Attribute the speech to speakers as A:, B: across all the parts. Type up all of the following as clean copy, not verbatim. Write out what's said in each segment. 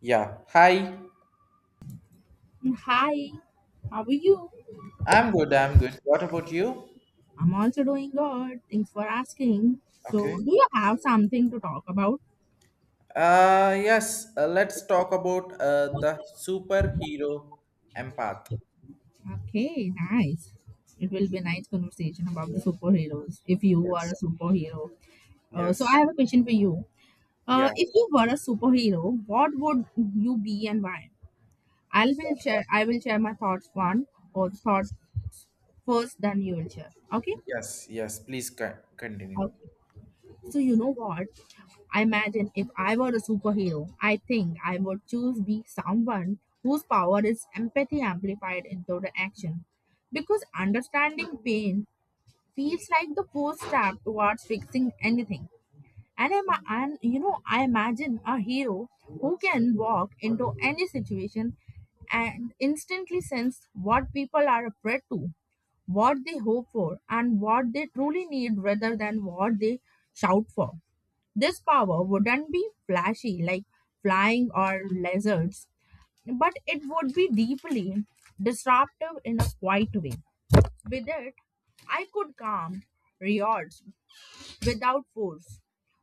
A: Yeah. Hi.
B: Hi, how are you?
A: I'm good. I'm good. What about you?
B: I'm also doing good. Thanks for asking. So,
A: Okay.
B: do you have something to talk about?
A: Yes. Let's talk about the superhero empath.
B: Okay, nice. It will be a nice conversation about the superheroes. If you are
A: Yes.
B: a superhero, so
A: Yes.
B: I have a question for you.
A: Yeah.
B: If you were a superhero, what would you be and why? I will share my thoughts one or thought
A: Yes.
B: first, then you will share. Okay.
A: Yes. Yes. Please continue.
B: Okay. So you know what? I imagine if I were a superhero, I think I would choose be someone whose power is empathy amplified into the action. Because understanding pain feels like the first step towards fixing anything. And I imagine a hero who can walk into any situation and instantly sense what people are afraid to, what they hope for, and what they truly need rather than what they shout for. This power wouldn't be flashy like flying or lizards, but it would be deeply disruptive in a quiet way. With it, I could calm riots without force,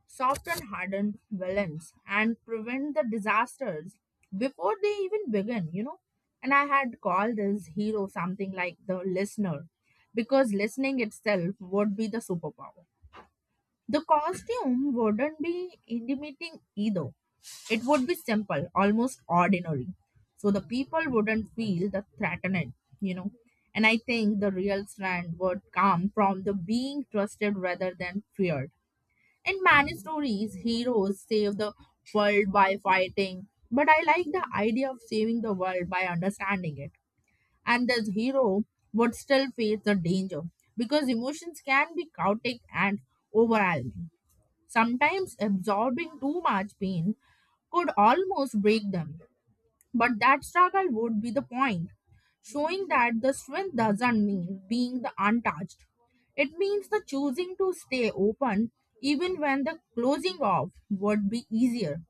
B: soften hardened villains, and prevent the disasters before they even begin. And I had called this hero something like the listener because listening itself would be the superpower. The costume wouldn't be intimidating either. It would be simple, almost ordinary. So the people wouldn't feel the threatened, you know. And I think the real strength would come from the being trusted rather than feared. In many stories, heroes save the world by fighting, but I like the idea of saving the world by understanding it. And this hero would still face the danger because emotions can be chaotic and overwhelming. Sometimes absorbing too much pain could almost break them. But that struggle would be the point, showing that the strength doesn't mean being the untouched. It means the choosing to stay open even when the closing off would be easier.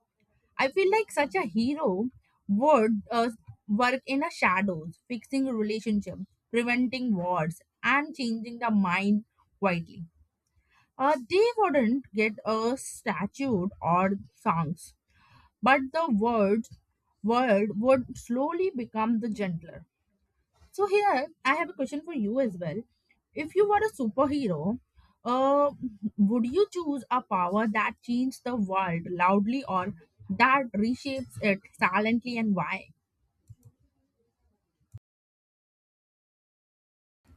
B: I feel like such a hero would work in a shadows, fixing relationships, preventing wars, and changing the mind quietly. They wouldn't get a statue or songs but the word would slowly become the gentler. So here I have a question for you as well. If you were a superhero, uh, would you choose a power that changes the world loudly or that reshapes it silently and why?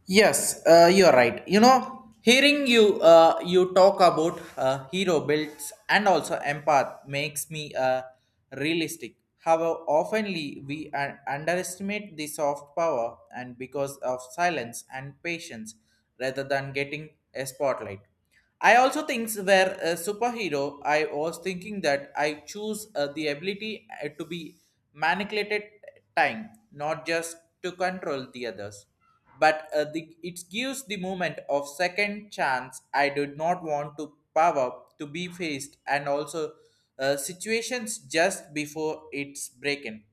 A: Yes, you're right. You know, hearing you you talk about hero builds and also empath makes me realistic. However, oftenly we underestimate the soft power and because of silence and patience rather than getting a spotlight. I also think where a superhero, I was thinking that I choose the ability to be manipulated time, not just to control the others, but it gives the moment of second chance. I did not want to power to be faced and also situations just before it's breaking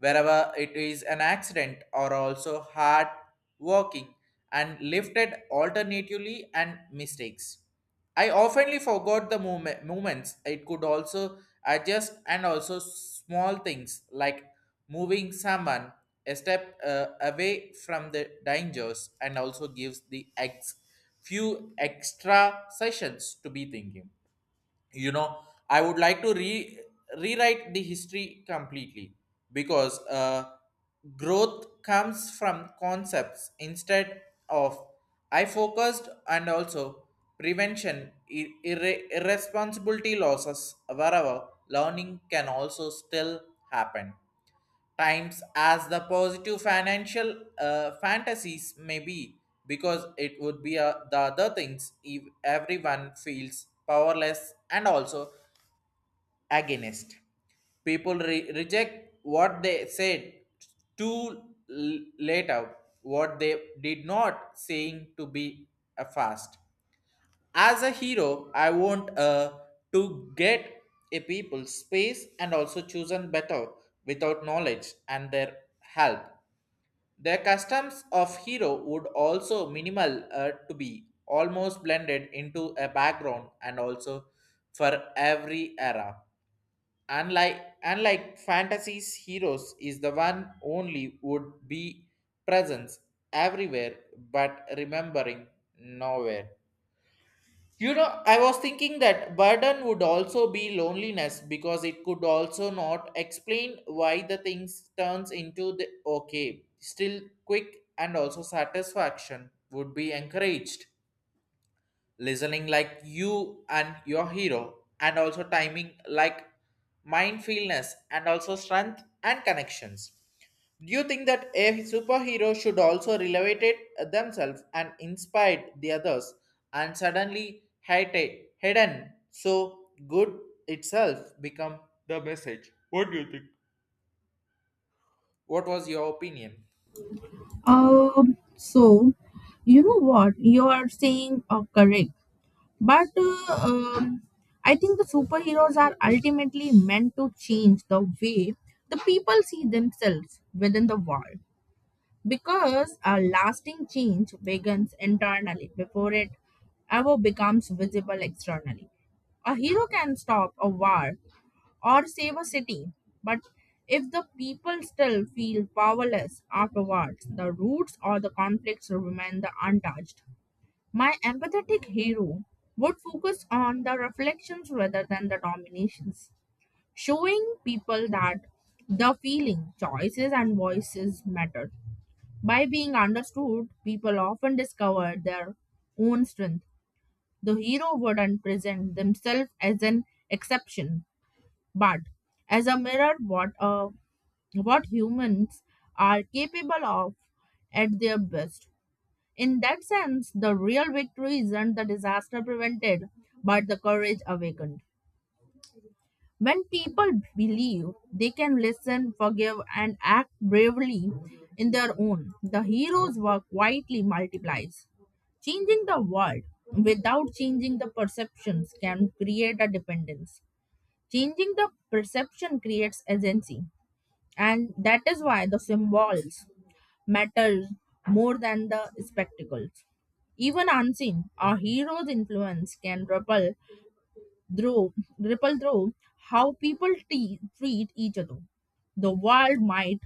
A: wherever it is an accident or also hard working and lifted alternatively and mistakes. I oftenly forgot the moment, movements. It could also adjust and also small things like moving someone a step away from the dangers and also gives the few extra sessions to be thinking, you know, I would like to rewrite the history completely because growth comes from concepts instead of I focused and also prevention irresponsibility losses wherever learning can also still happen times as the positive financial fantasies may be because it would be the other things if everyone feels powerless and also against people reject what they said too late out what they did not saying to be a fast. As a hero, I want to get a people space and also chosen better without knowledge and their help. The customs of hero would also minimal to be almost blended into a background and also for every era. Unlike fantasies, heroes is the one only would be presence everywhere but remembering nowhere. You know, I was thinking that burden would also be loneliness because it could also not explain why the things turns into the okay. Still quick and also satisfaction would be encouraged. Listening like you and your hero and also timing like mindfulness and also strength and connections. Do you think that a superhero should also relevate themselves and inspire the others and suddenly hate it hidden so good itself become the message? What do you think? What was your opinion?
B: So you know what you are saying are correct. But um, I think the superheroes are ultimately meant to change the way the people see themselves within the world because a lasting change begins internally before it ever becomes visible externally. A hero can stop a war or save a city, but if the people still feel powerless afterwards, the roots or the conflicts remain the untouched. My empathetic hero would focus on the reflections rather than the dominations, showing people that the feeling, choices, and voices matter. By being understood, people often discover their own strength. The hero wouldn't present themselves as an exception, but as a mirror what a what humans are capable of at their best. In that sense, the real victory isn't the disaster prevented, but the courage awakened. When people believe they can listen, forgive, and act bravely in their own, the hero's work quietly multiplies. Changing the world without changing the perceptions can create a dependence. Changing the perception creates agency, and that is why the symbols matters more than the spectacles. Even unseen, a hero's influence can ripple through how people treat each other. The world might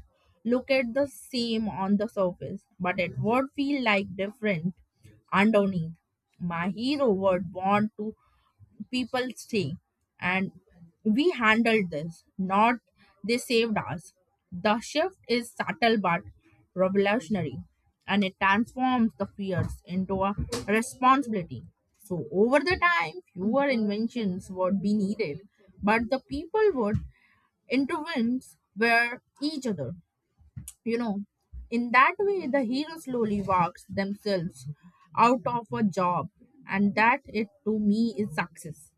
B: look at the same on the surface, but it would feel like different underneath. My hero would want to people stay. And we handled this, not they saved us. The shift is subtle but revolutionary, and it transforms the fears into a responsibility. So, over the time, fewer inventions would be needed, but the people would intervene with each other. You know, in that way, the hero slowly walks themselves out of a job, and that it to me is success.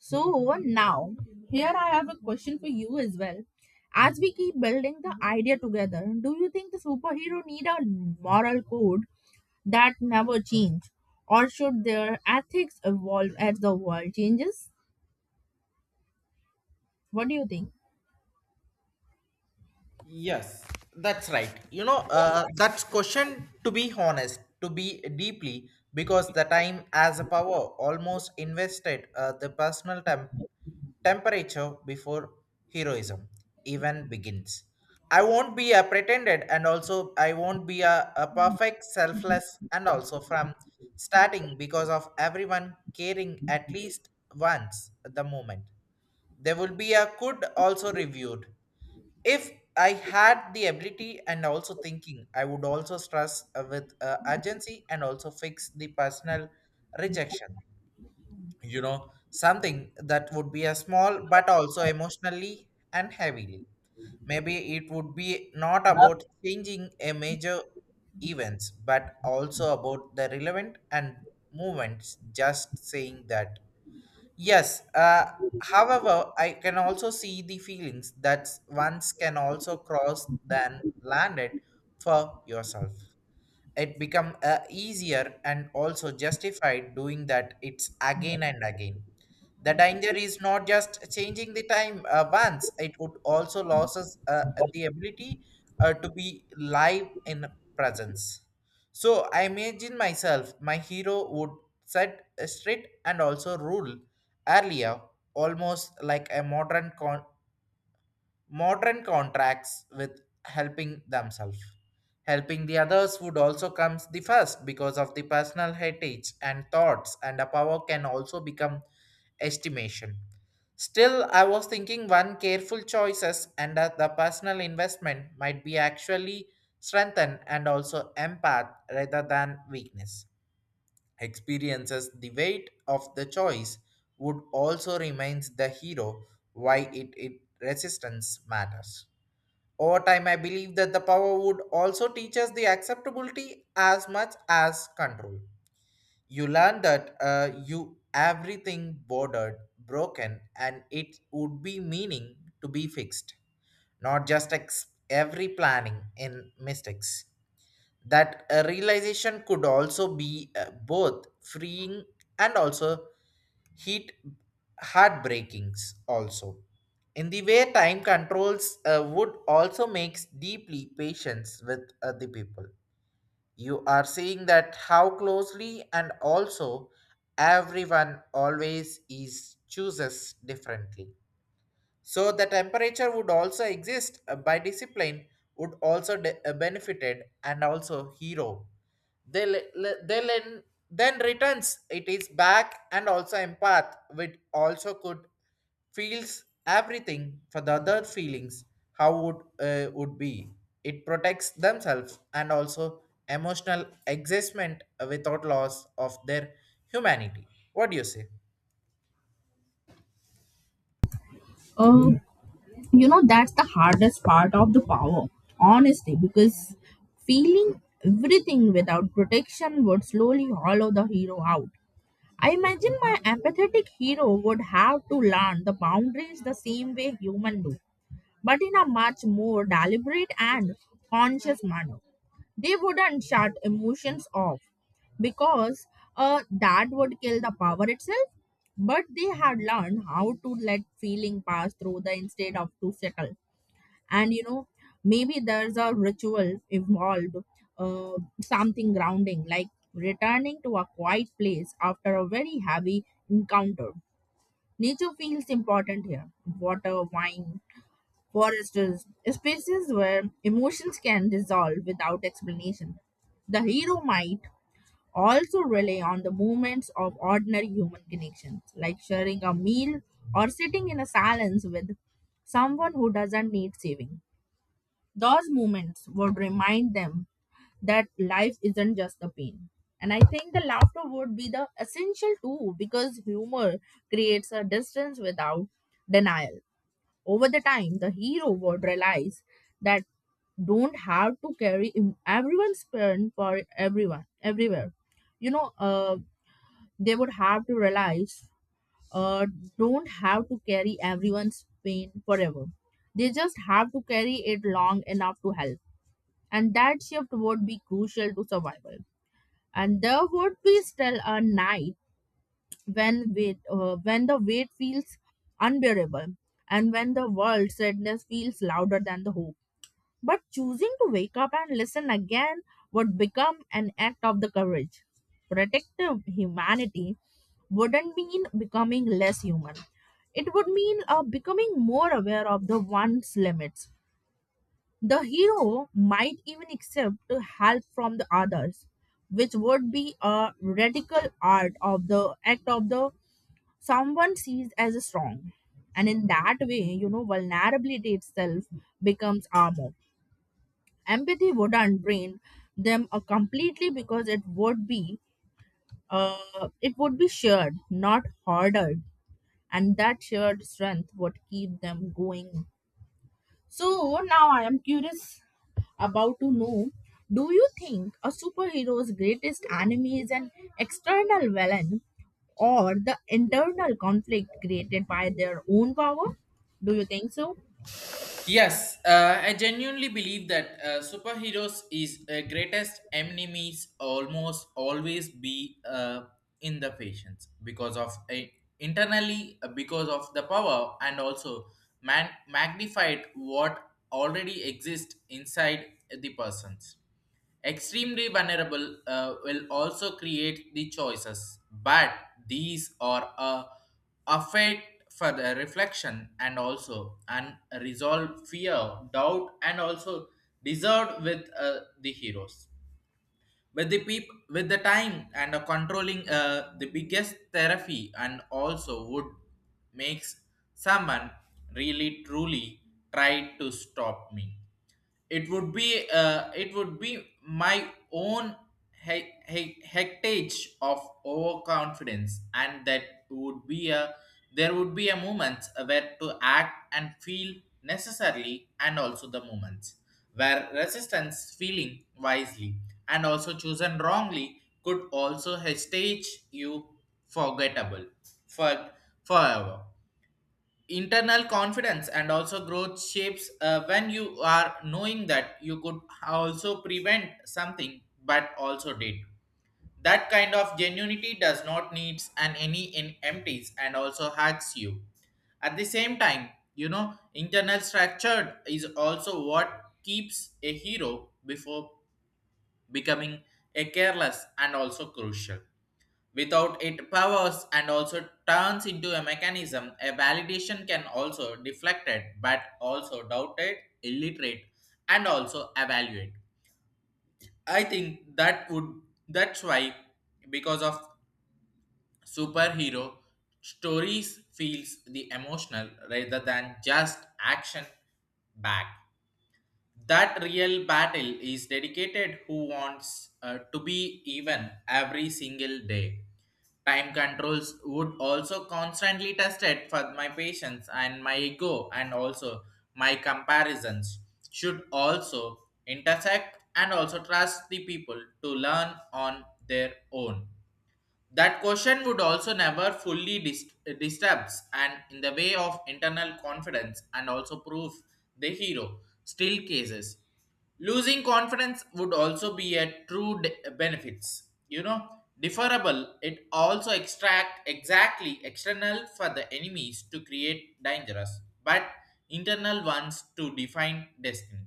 B: So, now, here I have a question for you as well. As we keep building the idea together, do you think the superhero need a moral code that never change? Or should their ethics evolve as the world changes? What do you think?
A: Yes, that's right. That's question to be honest, to be deeply, because the time as a power almost invested the personal temperature before heroism even begins. I won't be a pretended, and also I won't be a perfect, selfless, and also from starting because of everyone caring at least once at the moment. There will be a could also reviewed if I had the ability and also thinking I would also stress with urgency and also fix the personal rejection, you know, something that would be a small but also emotionally and heavily. Maybe it would be not about changing a major events but also about the relevant and movements just saying that. Yes. However, I can also see the feelings that once can also cross than landed for yourself it become easier and also justified doing that it's again and again. The danger is not just changing the time, once it would also loses the ability to be live in presence. So I imagine myself my hero would set straight and also rule earlier almost like a modern contracts with helping themselves. Helping the others would also comes the first because of the personal heritage and thoughts and a power can also become estimation. Still, I was thinking one careful choices and that the personal investment might be actually strengthened and also empath rather than weakness experiences the weight of the choice would also remains the hero why it resistance matters over time. I believe that the power would also teach us the acceptability as much as control. You learn that you everything bordered broken and it would be meaning to be fixed not just every planning in mistakes. That a realization could also be both freeing and also heat heartbreakings also. In the way time controls would also makes deeply patience with other people. You are seeing that how closely and also everyone always is chooses differently. So the temperature would also exist by discipline would also benefited and also hero. They le- le- they len- Then returns it is back and also empath which also could feels everything for the other feelings. How would be it protects themselves and also emotional existment without loss of their humanity. What do you say?
B: Um, you know, that's the hardest part of the power, honestly, because feeling everything without protection would slowly hollow the hero out. I imagine my empathetic hero would have to learn the boundaries the same way humans do, but in a much more deliberate and conscious manner. They wouldn't shut emotions off because that would kill the power itself. But they had learned how to let feeling pass through the instead of to settle, and you know maybe there's a ritual involved, uh, something grounding like returning to a quiet place after a very heavy encounter. Nature feels important here. Water wine, forests spaces where emotions can dissolve without explanation. The hero might also rely on the moments of ordinary human connections like sharing a meal or sitting in a silence with someone who doesn't need saving. Those moments would remind them that life isn't just the pain. And I think the laughter would be the essential too because humor creates a distance without denial. Over the time, the hero would realize that don't have to carry everyone's pain for everyone everywhere. You know, they would have to realize uh, don't have to carry everyone's pain forever. They just have to carry it long enough to help, and that shift would be crucial to survival. And there would be still a night when the weight feels unbearable, and when the world sadness feels louder than the hope. But choosing to wake up and listen again would become an act of the courage. Protective humanity wouldn't mean becoming less human. It would mean becoming more aware of the one's limits. The hero might even accept help from the others, which would be a radical art of the act of the someone sees as a strong. And in that way, you know, vulnerability itself becomes armor. Empathy wouldn't drain them completely because it would be shared, not hoarded, and that shared strength would keep them going. So now I am curious about to know, do you think a superhero's greatest enemy is an external villain or the internal conflict created by their own power? Do you think so?
A: Yes, I genuinely believe that superheroes is greatest enemies almost always be in the patients because of a internally, because of the power and also magnified what already exists inside the persons. Extremely vulnerable will also create the choices, but these are a affect for the reflection and also an resolved fear, doubt, and also deserved with the heroes with the peop with the time and controlling the biggest therapy and also would makes someone really truly try to stop me. It would be it would be my own heritage of overconfidence and that would be a there would be a moment where to act and feel necessarily and also the moments where resistance feeling wisely and also chosen wrongly could also stage you forgettable for forever. Internal confidence and also growth shapes when you are knowing that you could also prevent something but also did. That kind of genuinity does not needs and any in empties and also hacks you. At the same time, you know, internal structure is also what keeps a hero before becoming a careless and also crucial. Without it powers and also turns into a mechanism, a validation can also deflected but also doubted, illiterate, and also evaluate. I think that would that's why because of superhero stories feels the emotional rather than just action back. That real battle is dedicated who wants to be even every single day. Time controls would also constantly tested for my patience and my ego and also my comparisons should also intersect and also trust the people to learn on their own. That question would also never fully disturbs and in the way of internal confidence and also prove the hero still cases. Losing confidence would also be a true benefits. You know, deferable it also extract exactly external for the enemies to create dangerous, but internal ones to define destiny.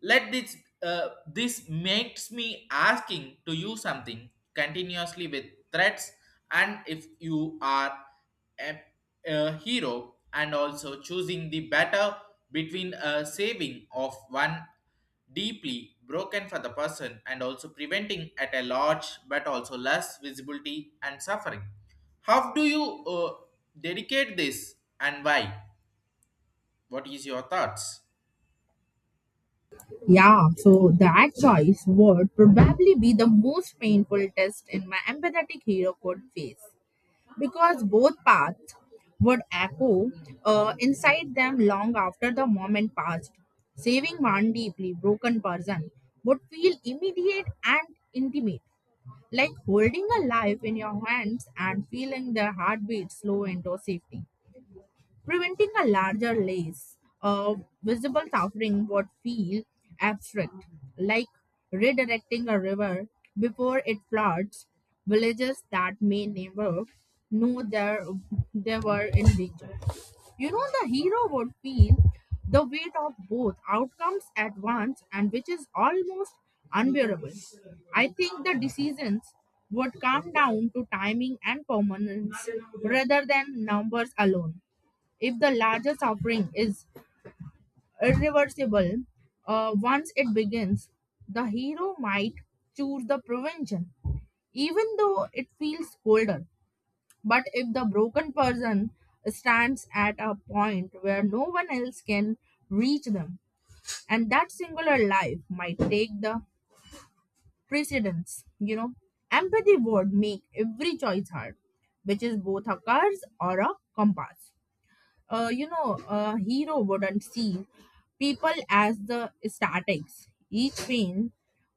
A: Let this this makes me asking to you something continuously with threats. And if you are a, a hero and also choosing the better between a saving of one deeply broken for the person and also preventing at a large but also less visibility and suffering, how do you dedicate this and why? What is your thoughts?
B: Yeah, so that choice would probably be the most painful test in my empathetic hero could face, because both paths would echo inside them long after the moment passed. Saving one deeply broken person would feel immediate and intimate, like holding a life in your hands and feeling their heartbeat slow into safety. Preventing a larger lace of visible suffering would feel abstract, like redirecting a river before it floods villages that may never know there they were in danger. You know, the hero would feel the weight of both outcomes at once, and which is almost unbearable. I think the decisions would come down to timing and permanence rather than numbers alone. If the larger suffering is irreversible, once it begins, the hero might choose the prevention, even though it feels colder. But if the broken person stands at a point where no one else can reach them, and that singular life might take the precedence, you know, empathy would make every choice hard, which is both a curse or a compass. You know, a hero wouldn't see people as the statics. Each pain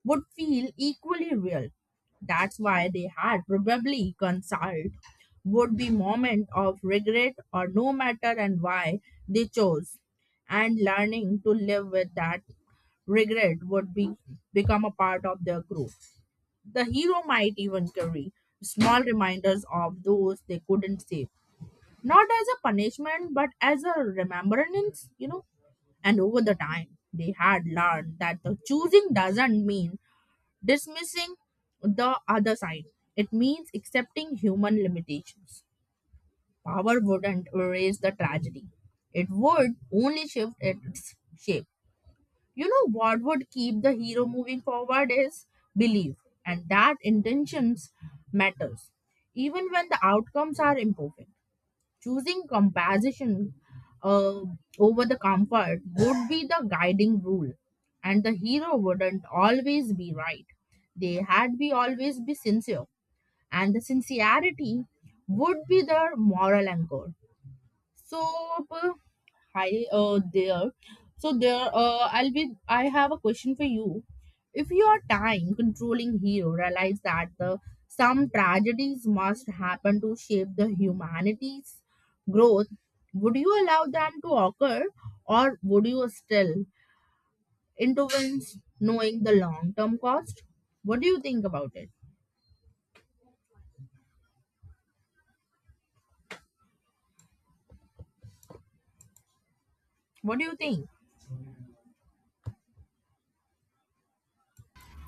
B: would feel equally real. That's why they had probably consulted would be moment of regret or no matter and why they chose, and learning to live with that regret would be become a part of their growth. The hero might even carry small reminders of those they couldn't save, not as a punishment but as a remembrance, you know. And over the time they had learned that the choosing doesn't mean dismissing the other side. It means accepting human limitations. Power wouldn't erase the tragedy, it would only shift its shape. You know what would keep the hero moving forward is belief, and that intentions matters even when the outcomes are imperfect. Choosing compassion uh, over the comfort would be the guiding rule, and the hero wouldn't always be right. They had be always be sincere, and the sincerity would be their moral anchor. So uh, hi there. So there I have a question for you. If your time controlling hero realized that the some tragedies must happen to shape the humanity's growth, would you allow them to occur or would you still intervene knowing the long term cost? What do you think about it? What do you think?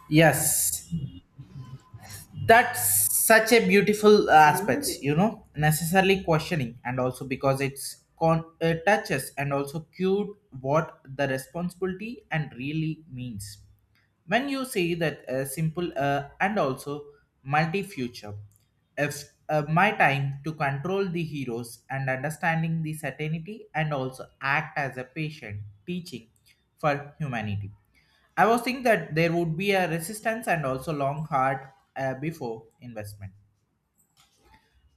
A: Yes, that's such a beautiful aspects, you know, necessarily questioning and also because it's touches and also cute what the responsibility and really means. When you say that simple and also multi future, if my time to control the heroes and understanding the certainty and also act as a patient teaching for humanity. I was thinking that there would be a resistance and also long hard before investment.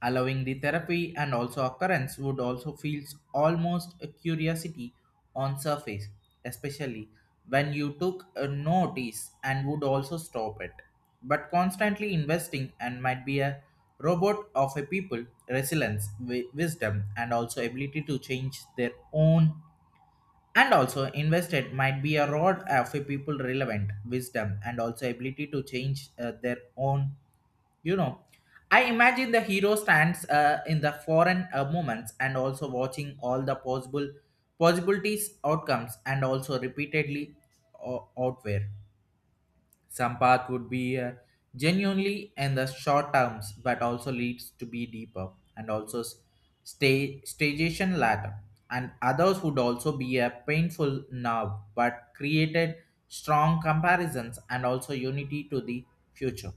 A: Allowing the therapy and also occurrence would also feels almost a curiosity on surface, especially when you took a notice and would also stop it. But constantly investing and might be a robot of a people, resilience, wisdom, and also ability to change their own and also invested might be a rod of a people relevant wisdom and also ability to change their own. You know, I imagine the hero stands in the foreign moments and also watching all the possible possibilities outcomes and also repeatedly out some path would be genuinely in the short terms, but also leads to be deeper and also stagnation later. And others would also be a painful now, but created strong comparisons and also unity to the future.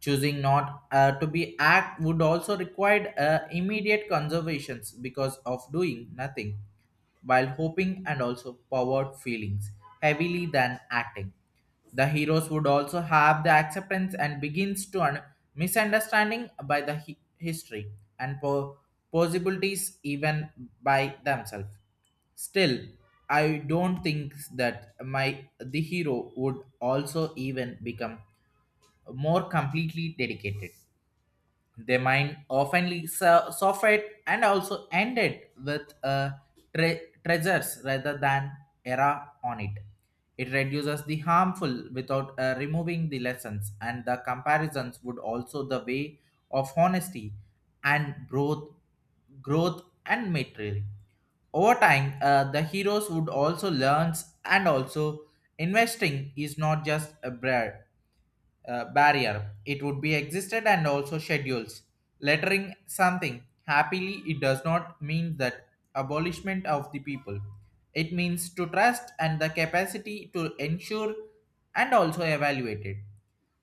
A: Choosing not to be act would also require immediate conservations because of doing nothing while hoping and also powered feelings heavily than acting. The heroes would also have the acceptance and begins to misunderstanding by the history and possibilities even by themselves. Still, I don't think that my the hero would also even become more completely dedicated their mind often suffered and also ended with treasures rather than error on it. It reduces the harmful without removing the lessons, and the comparisons would also the way of honesty and growth, growth and material. Over time, the heroes would also learn and also investing is not just a bread barrier. It would be existed and also schedules. Lettering something happily, it does not mean that abolishment of the people. It means to trust and the capacity to ensure and also evaluate it.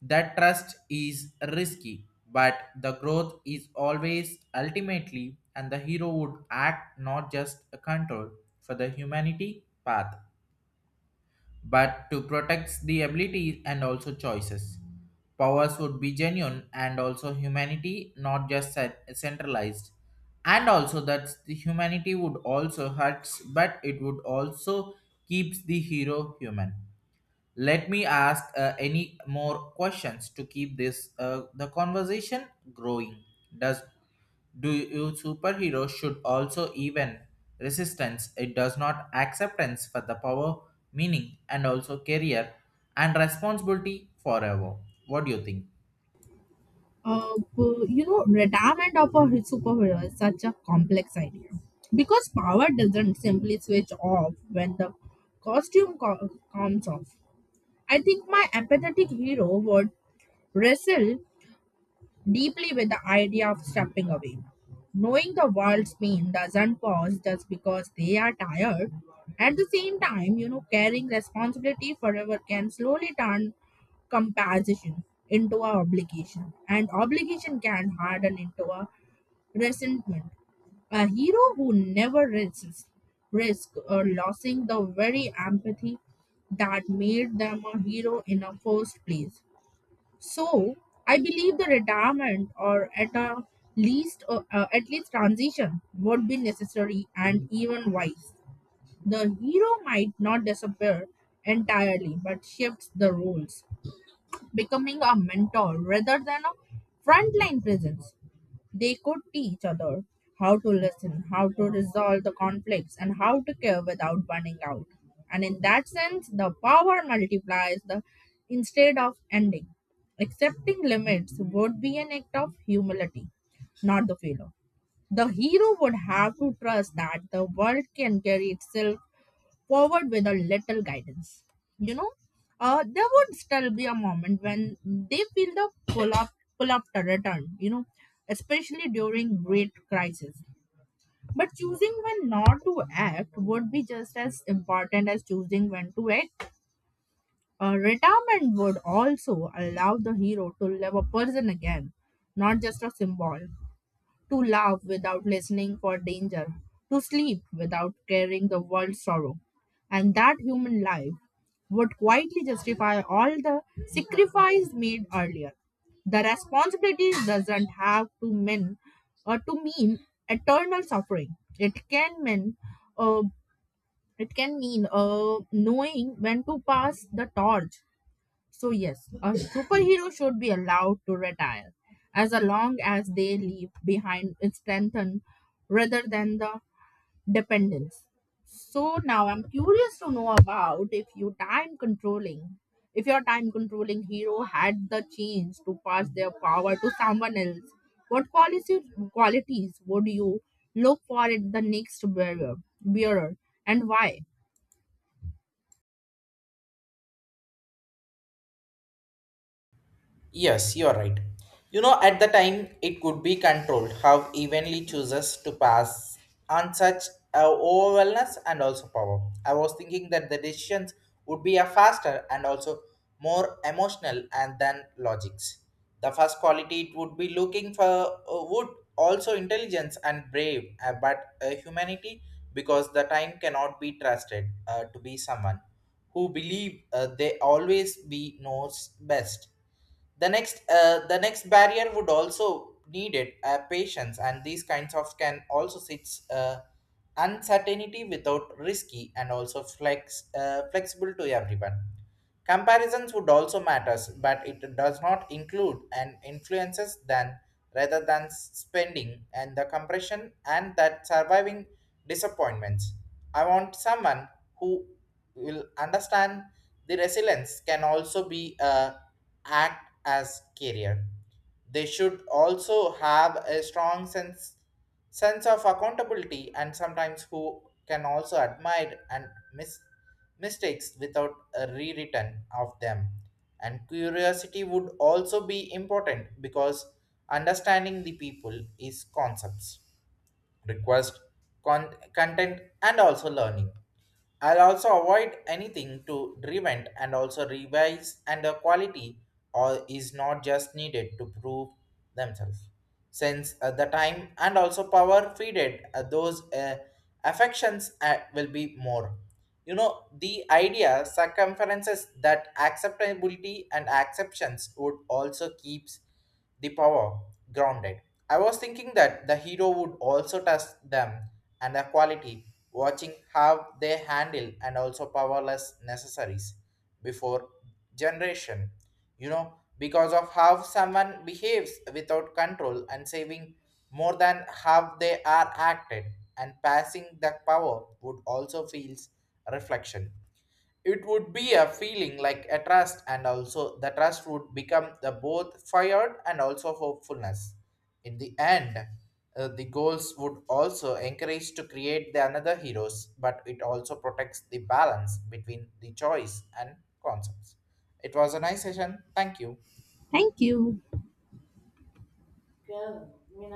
A: That trust is risky, but the growth is always ultimately, and the hero would act not just a control for the humanity path but to protect the abilities and also choices. Powers would be genuine and also humanity, not just centralized. And also that the humanity would also hurts, but it would also keeps the hero human. Let me ask any more questions to keep this the conversation growing. Does do you superheroes should also even resistance? It does not acceptance for the power, meaning, and also career and responsibility forever. What do you think?
B: Uh, you know, retirement of a superhero is such a complex idea because power doesn't simply switch off when the costume comes off. I think my empathetic hero would wrestle deeply with the idea of stepping away. Knowing the world's pain doesn't pause just because they are tired. At the same time, you know, carrying responsibility forever can slowly turn compassion into a obligation, and obligation can harden into a resentment. A hero who never resists risk or losing the very empathy that made them a hero in a first place. So I believe the retirement, or at a least, at least transition, would be necessary and even wise. The hero might not disappear entirely, but shifts the roles becoming a mentor rather than a frontline presence. They could teach others how to listen, how to resolve the conflicts, and how to care without burning out. And in that sense, the power multiplies the instead of ending. Accepting limits would be an act of humility, not the failure. The hero would have to trust that the world can carry itself forward with a little guidance. You know, there would still be a moment when they feel the pull up to return. You know, especially during great crisis. But choosing when not to act would be just as important as choosing when to act. Retirement would also allow the hero to live a person again, not just a symbol, to laugh without listening for danger, to sleep without carrying the world's sorrow. And that human life would quietly justify all the sacrifice made earlier. The responsibility doesn't have to mean or to mean eternal suffering. Uh, it can mean knowing when to pass the torch. So, yes, a superhero should be allowed to retire as long as they leave behind strength and- rather than the dependence. So, now I'm curious to know about if your time controlling hero had the chance to pass their power to someone else, what qualities would you look for in the next bearer and why?
A: Yes, you're right. You know, at the time, it could be controlled how evenly chooses to pass on such overwhelmness and also power. I was thinking that the decisions would be a faster and also more emotional and than logics. The first quality it would be looking for would also intelligence and brave, but humanity because the time cannot be trusted to be someone who believe they always be knows best. The next the next barrier would also need it patience and these kinds of can also sits uncertainty without risky and also flexible to everyone. Comparisons would also matters but it does not include and influences than rather than spending and the compression and that surviving disappointments. I want someone who will understand the resilience can also be act as carrier. They should also have a strong sense of accountability and sometimes who can also admire and mis- mistakes without a rewritten of them. And curiosity would also be important because understanding the people is concepts request content and also learning. I'll also avoid anything to prevent and also revise and the quality or is not just needed to prove themselves since the time and also power feeded those affections will be more. You know, the idea circumferences that acceptability and acceptance would also keeps the power grounded. I was thinking that the hero would also test them and their quality, watching how they handle and also powerless necessaries before generation. You know, because of how someone behaves without control and saving more than how they are acted and passing the power would also feels reflection. It would be a feeling like a trust and also the trust would become the both fired and also hopefulness in the end. The goals would also encourage to create the another heroes but it also protects the balance between the choice and concepts. It was a nice session, thank you.
B: Thank you.
A: Yeah, you